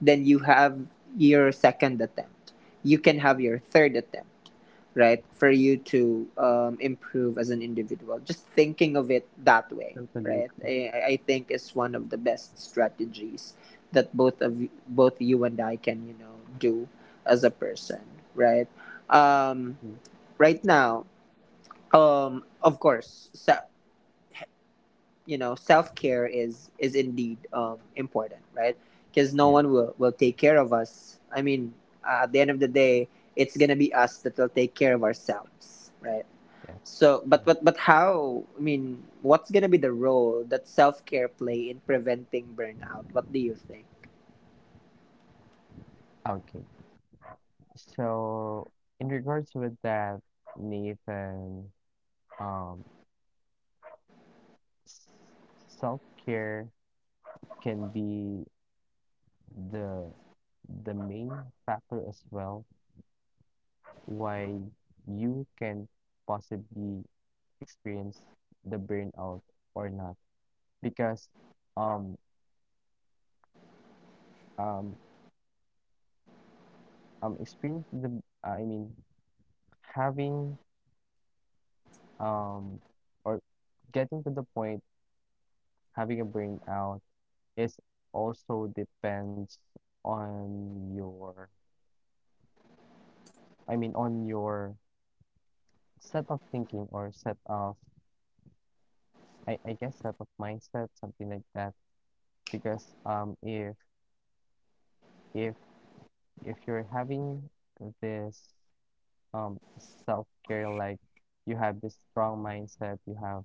Speaker 1: then you have your second attempt. You can have your third attempt, right? For you to improve as an individual. Just thinking of it that way,
Speaker 2: Totally
Speaker 1: right?
Speaker 2: agree.
Speaker 1: I think is one of the best strategies that both of you, both you and I can do as a person, right? Um,
Speaker 2: Mhm.
Speaker 1: right now of course self-care is indeed important, right? Because no
Speaker 2: Yeah.
Speaker 1: one will take care of us. I mean, at the end of the day, it's gonna be us that will take care of ourselves, right?
Speaker 2: Yes.
Speaker 1: So
Speaker 2: Mhm.
Speaker 1: but how, I mean, what's gonna be the role that self-care play in preventing burnout? What do you think?
Speaker 2: Okay. So in regards with that, Nathan, um, self-care can be the the main factor as well why you can possibly experience the burnout or not because um um experience the I mean having um or getting to the point having a burnout. It also depends on your— on your set of thinking or set of— I guess, set of mindset, something like that. Because if if you're having this um self-care, like you have this strong mindset, you have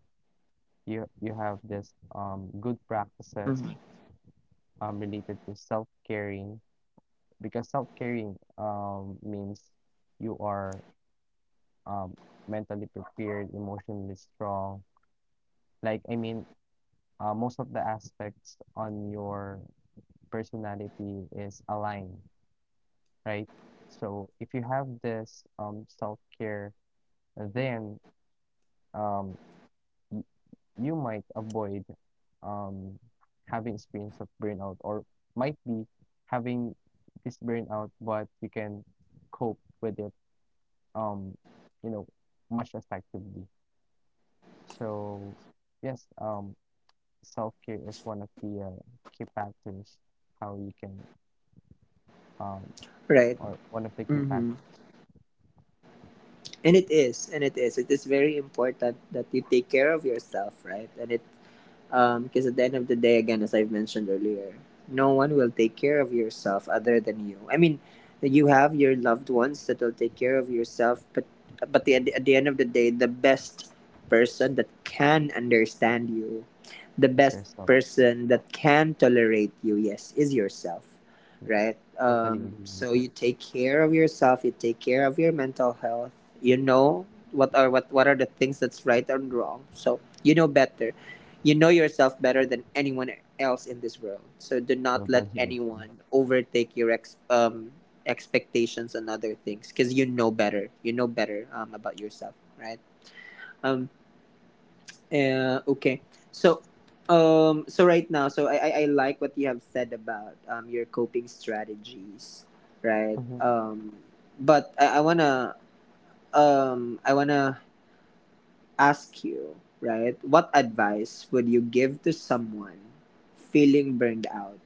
Speaker 2: you you have this good practices
Speaker 1: Mhm.
Speaker 2: related to self-caring. Because self-caring means you are um, mentally prepared, emotionally strong. Like, most of the aspects on your personality is aligned, right? So if you have this self-care, then, um, y you might avoid um, having experience of burnout, or might be having this burnout, but you can cope with it, um, you know, much effectively. So yes, self-care is one of the key factors how you can um
Speaker 1: Right.
Speaker 2: or one of the key
Speaker 1: Mm-hmm.
Speaker 2: factors
Speaker 1: And it is, and it is, it is very important that you take care of yourself, right? And it because at the end of the day, again, as I've mentioned earlier, no one will take care of yourself other than you. I mean, you have your loved ones that will take care of yourself, but at the end of the day, the best person that can understand you, the
Speaker 2: is
Speaker 1: best
Speaker 2: yourself.
Speaker 1: person that can tolerate you, yes, is yourself,
Speaker 2: Self.
Speaker 1: right?
Speaker 2: Totally agree with
Speaker 1: So you
Speaker 2: that.
Speaker 1: take care of yourself, you take care of your mental health. You know what are what are the things that's right and wrong. So you know better, you know yourself better than anyone else in this world. So do not let
Speaker 2: Totally agree.
Speaker 1: anyone overtake your expectations and other things because you know better. You know better about yourself, right? Um, okay. So, so right now, so I like what you have said about your coping strategies, right?
Speaker 2: Mhm.
Speaker 1: But I wanna ask you, right? What advice would you give to someone feeling burned out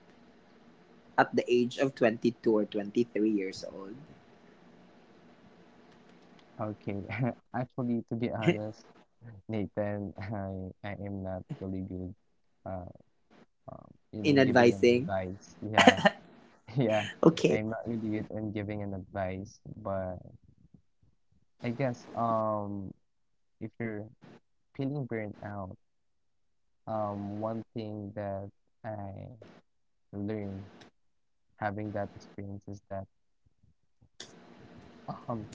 Speaker 1: at the age of 22 or 23 years old?
Speaker 2: Okay, [laughs] actually, to be honest, Nathan, [laughs] I am not really good. Uh, you
Speaker 1: [laughs]
Speaker 2: know,
Speaker 1: In
Speaker 2: giving an
Speaker 1: advising?
Speaker 2: advice. Yeah, [laughs] yeah,
Speaker 1: Okay.
Speaker 2: I'm not really good in giving an advice, but I guess if you're feeling burnt out, one thing that I learned having that experience is that, um,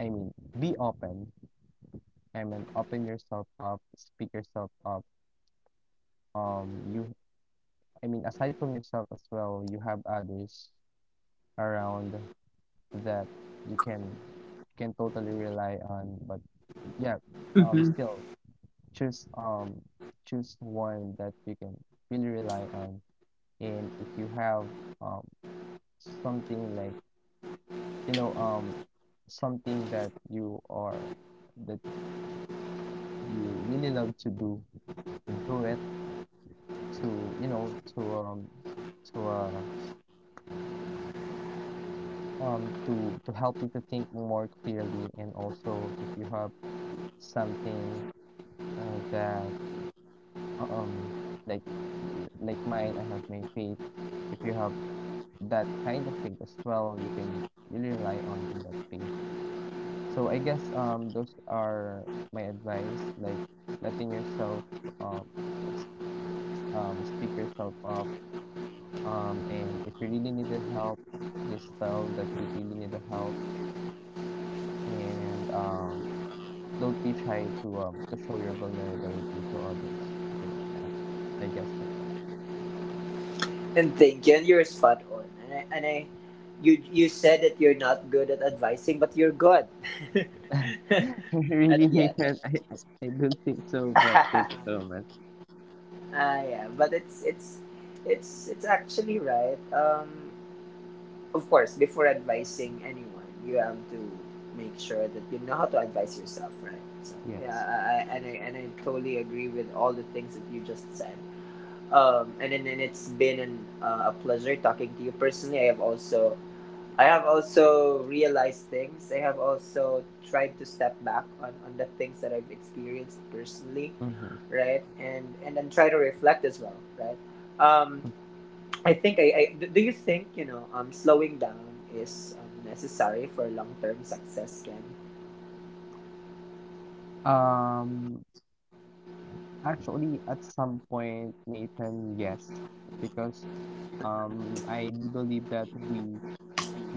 Speaker 2: I mean, be open. I mean, open yourself up, speak yourself up. Um, you, aside from yourself as well, you have others around that you can totally rely on. But yeah,
Speaker 1: Mhm.
Speaker 2: still choose um choose one that you can really rely on. And if you have um something like you know um something that you are that you really love to do, do it to to uh to help you to think more clearly. And also if you have something that um like— like mine, I have my faith. If you have that kind of faith as well, you can really rely on in that faith. So I guess those are my advice, like letting yourself um ex speak yourself up, and if you really need the help, just tell that you really need the help, and don't be shy to show your vulnerability to others, something like that, I guess, Nathan.
Speaker 1: And thank you. And you're spot on. And I you, you said that you're not good at advising, but you're good. [laughs]
Speaker 2: [laughs]
Speaker 1: But
Speaker 2: Really,
Speaker 1: yeah.
Speaker 2: Nathan, I I don't think so,
Speaker 1: [laughs]
Speaker 2: but thank
Speaker 1: Ah,
Speaker 2: you so much.
Speaker 1: yeah. But it's actually right. Of course, before advising anyone, you have to make sure that you know how to advise yourself, right? So yeah,
Speaker 2: Yes.
Speaker 1: I totally agree with all the things that you just said. And it's been an, a pleasure talking to you personally. I have also realized things. I have also tried to step back on the things that I've experienced personally,
Speaker 2: Mm-hmm.
Speaker 1: right? And then try to reflect as well, right? Um, I think I do you think, slowing down is necessary for long term success, Ken?
Speaker 2: Um, actually, at some point, Nathan, yes, because I do believe that we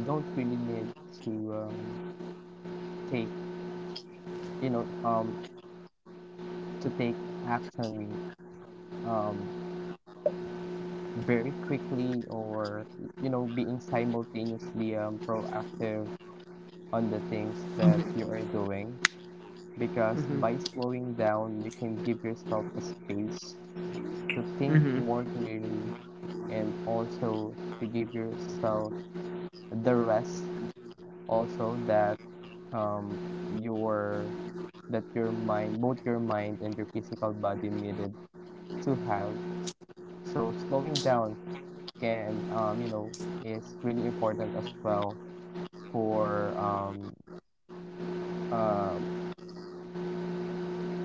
Speaker 2: don't really need to take, you know, um, to take action um, very quickly, or, you know, being simultaneously proactive on the things that you
Speaker 1: Mhm.
Speaker 2: are doing. Because by
Speaker 1: Mm-hmm.
Speaker 2: slowing down, you can give yourself a space to think
Speaker 1: Mm-hmm.
Speaker 2: more clearly, and also to give yourself the rest also that um your your mind, both your mind and your physical body, needed to have. So slowing down can is really important as well for uh,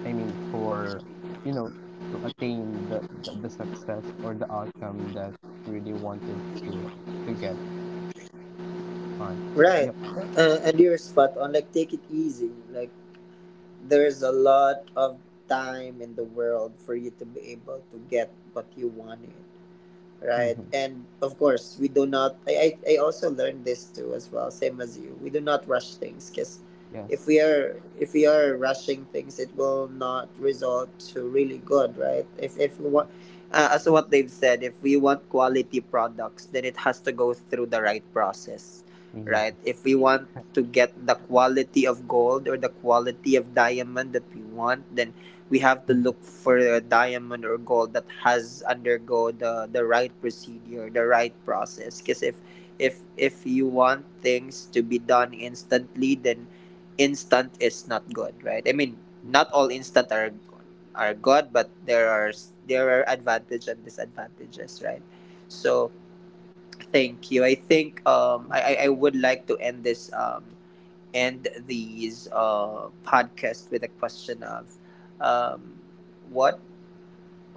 Speaker 2: for you know to attain the success or the outcome that you really wanted to get on, so
Speaker 1: Right.
Speaker 2: yep.
Speaker 1: And you're spot on. Like, take it easy. Like, there's a lot of time in the world for you to be able to get what you wanted. Right,
Speaker 2: Mm-hmm.
Speaker 1: and of course we do not I also learned this too as well, same as you, we do not rush things. Because
Speaker 2: Yes.
Speaker 1: if we are rushing things, it will not result to really good, right? If we want
Speaker 2: Yes.
Speaker 1: as what they've said, if we want quality products, then it has to go through the right process, right?
Speaker 2: Yes.
Speaker 1: If we want to
Speaker 2: [laughs]
Speaker 1: get the quality of gold or the quality of diamond that we want, then we have to
Speaker 2: Mhm.
Speaker 1: look for a diamond or gold that has undergo the right procedure, the right process. Because if you want things to be done instantly, then instant is not good, right? I mean, not all instant are good, but there are advantages and disadvantages, right? So thank you. I think I would like to end this end these podcasts with a question of um, what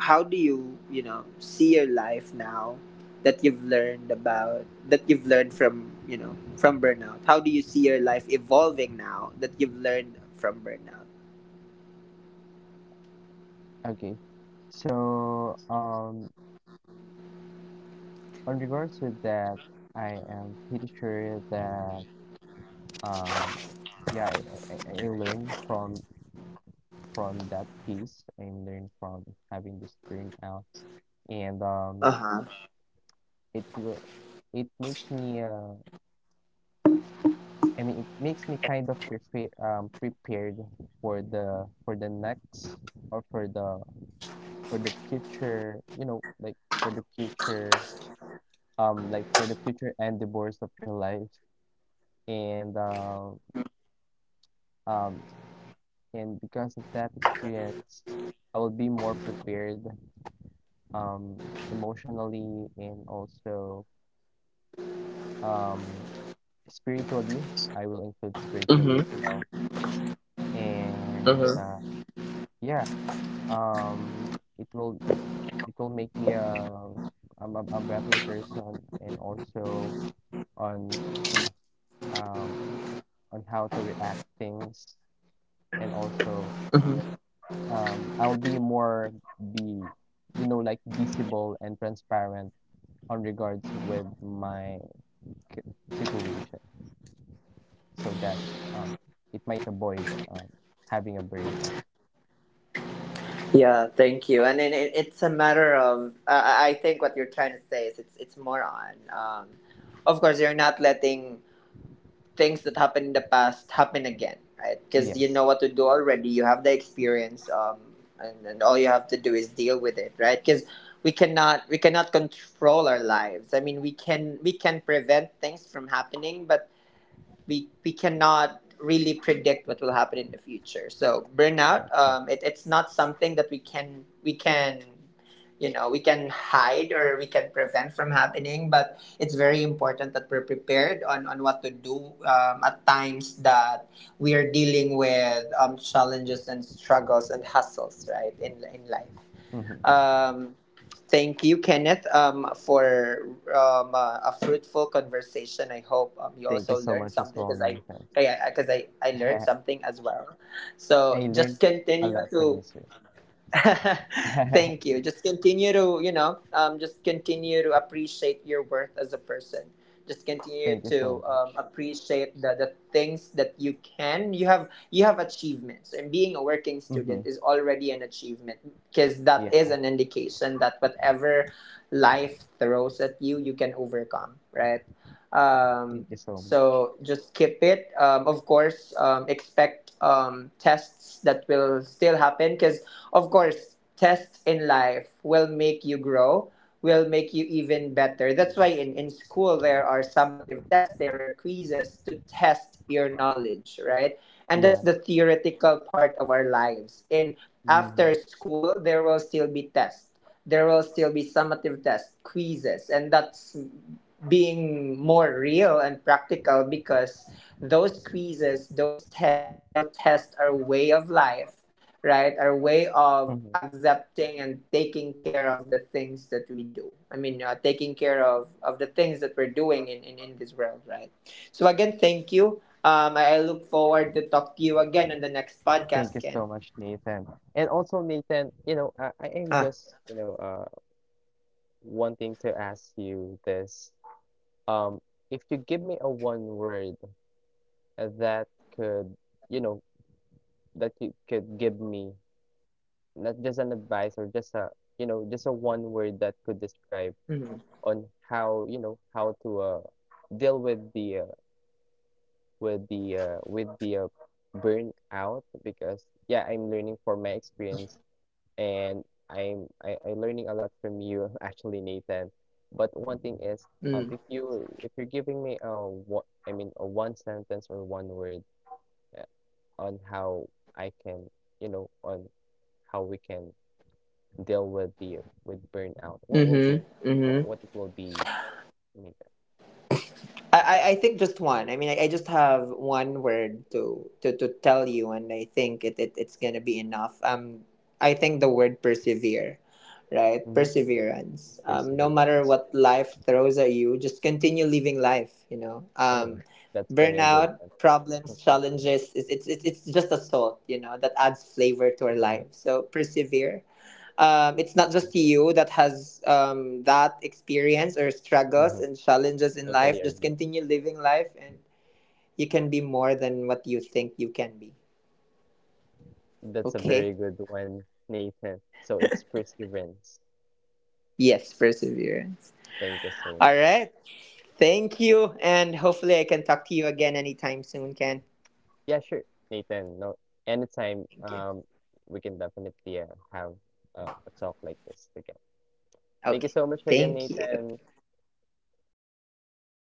Speaker 1: how do you you know see your life now that you've learned about that you've learned from, you know, from burnout? How do you see your life evolving now that you've learned from burnout?
Speaker 2: Okay. So, on regards to that, I am pretty sure that, um, yeah, I learned from— from that piece. I learned from having this burnout, and
Speaker 1: Uh-huh.
Speaker 2: it will— it makes me it makes me kind of prepared for the— for the next, or for the— for the future, you know, like for the future, like for the future endeavors of your life. and uh, um, and because of that experience, I will be more prepared um, emotionally, and also um, spiritually. I will include spiritually as
Speaker 1: Mm-hmm.
Speaker 2: well, and
Speaker 1: Mm-hmm.
Speaker 2: yeah, it will— it will make me a better person, and also on— on um on how to react things, and also
Speaker 1: Mm-hmm.
Speaker 2: I'll be more— be you know, like visible and transparent on regards with my situation, so that, um, it might avoid, having a burnout.
Speaker 1: Yeah, thank you. And it's a matter of I think what you're trying to say is it's more on of course you're not letting things that happened in the past happen again, right? Because you know
Speaker 2: Yes,
Speaker 1: what to do already. You have the experience, and all you have to do is deal with it, right? Because we cannot control our lives. I mean, we can prevent things from happening, but we cannot really predict what will happen in the future. So
Speaker 2: that's
Speaker 1: burnout,
Speaker 2: right.
Speaker 1: it's not something that we can, you know, we can hide or we can prevent from happening. But it's very important that we're prepared on what to do at times that we are dealing with challenges and struggles and hustles, right, in life.
Speaker 2: Hmm.
Speaker 1: Um, Thank you, Kenneth, for a fruitful conversation. I hope you
Speaker 2: Thank you
Speaker 1: also
Speaker 2: so
Speaker 1: learned
Speaker 2: much as
Speaker 1: something
Speaker 2: well, Nathan.
Speaker 1: because I, 'cause I
Speaker 2: [laughs]
Speaker 1: learned
Speaker 2: Yeah,
Speaker 1: something as well.
Speaker 2: I
Speaker 1: So
Speaker 2: learned
Speaker 1: just
Speaker 2: a
Speaker 1: continue
Speaker 2: lot from you,
Speaker 1: to
Speaker 2: sir.
Speaker 1: [laughs]
Speaker 2: [laughs]
Speaker 1: thank you. Just continue to, you know, just continue to appreciate your worth as a person. Just continue
Speaker 2: Thank you
Speaker 1: to
Speaker 2: so much.
Speaker 1: appreciate the things that you can. You have achievements, and being a working
Speaker 2: Hmm.
Speaker 1: student is already an achievement because that
Speaker 2: Yeah,
Speaker 1: is an indication that whatever life throws at you, you can overcome. Right. Um,
Speaker 2: thank you so much.
Speaker 1: so just keep it. Of course, expect tests that will still happen because of course, tests in life will make you grow, will make you even better. That's why
Speaker 2: Yes,
Speaker 1: in school there are summative tests, there are quizzes to test your knowledge, right? And that's the
Speaker 2: yes.
Speaker 1: theoretical part of our lives. In
Speaker 2: Hmm.
Speaker 1: after school, there will still be tests. There will still be summative tests, quizzes, and that's being more real and practical because those quizzes, those tests will test our way of life, right? Our way of accepting and taking care of the things that we do. I mean, taking care of the things that we're doing in, in this world, right? So, again, thank you. I look forward to talk to you again on the next
Speaker 2: Thank
Speaker 1: podcast,
Speaker 2: you
Speaker 1: Ken.
Speaker 2: so much, Nathan. And also, Nathan, you know, I am
Speaker 1: Ah.
Speaker 2: just, you know, wanting to ask you this. Um, if you give me a one word that could, you know, that you could give me, not just an advice, or just a, you know, just a one word that could describe
Speaker 1: Mm-hmm.
Speaker 2: on how, you know, how to deal with the burnout, because yeah, I'm learning from my experience, and I am learning a lot from you [laughs] actually, Nathan. But one thing is,
Speaker 1: Mm-hmm.
Speaker 2: if you if you're giving me a— what I mean, a one sentence or one word uh, on how I can you know on how we can deal with the— with burnout, what will be—
Speaker 1: Mm-hmm. Mm-hmm.
Speaker 2: what it will be, Nathan?
Speaker 1: I think just one. I mean, I just have one word to, to tell you, and I think it's going to be enough. I think the word persevere, right?
Speaker 2: Mhm.
Speaker 1: Perseverance. No matter
Speaker 2: Perseverance.
Speaker 1: what life throws at you, just continue living life, you know?
Speaker 2: Oh, [laughs] that's very good
Speaker 1: Burnout,
Speaker 2: one.
Speaker 1: problems,
Speaker 2: [laughs]
Speaker 1: challenges, it's just a salt, you know, that adds flavor to our
Speaker 2: Ah,
Speaker 1: life. So persevere it's not just
Speaker 2: persevere.
Speaker 1: you that has that experience or struggles
Speaker 2: Mm-hmm.
Speaker 1: and challenges in
Speaker 2: Totally
Speaker 1: life. Just
Speaker 2: agree.
Speaker 1: continue living life, and you can be more than what you think you can be.
Speaker 2: That's a very
Speaker 1: Okay?
Speaker 2: good one, Nathan. So it's perseverance.
Speaker 1: Yes, perseverance.
Speaker 2: Thank you so
Speaker 1: All
Speaker 2: much.
Speaker 1: right. Thank you, and hopefully I can talk to you again anytime soon. Can
Speaker 2: Yeah, sure, Nathan. No, anytime.
Speaker 1: thank you.
Speaker 2: We can definitely have a talk like this again. Thank you
Speaker 1: Okay.
Speaker 2: so much again,
Speaker 1: Thank you.
Speaker 2: Nathan. Thank you so much.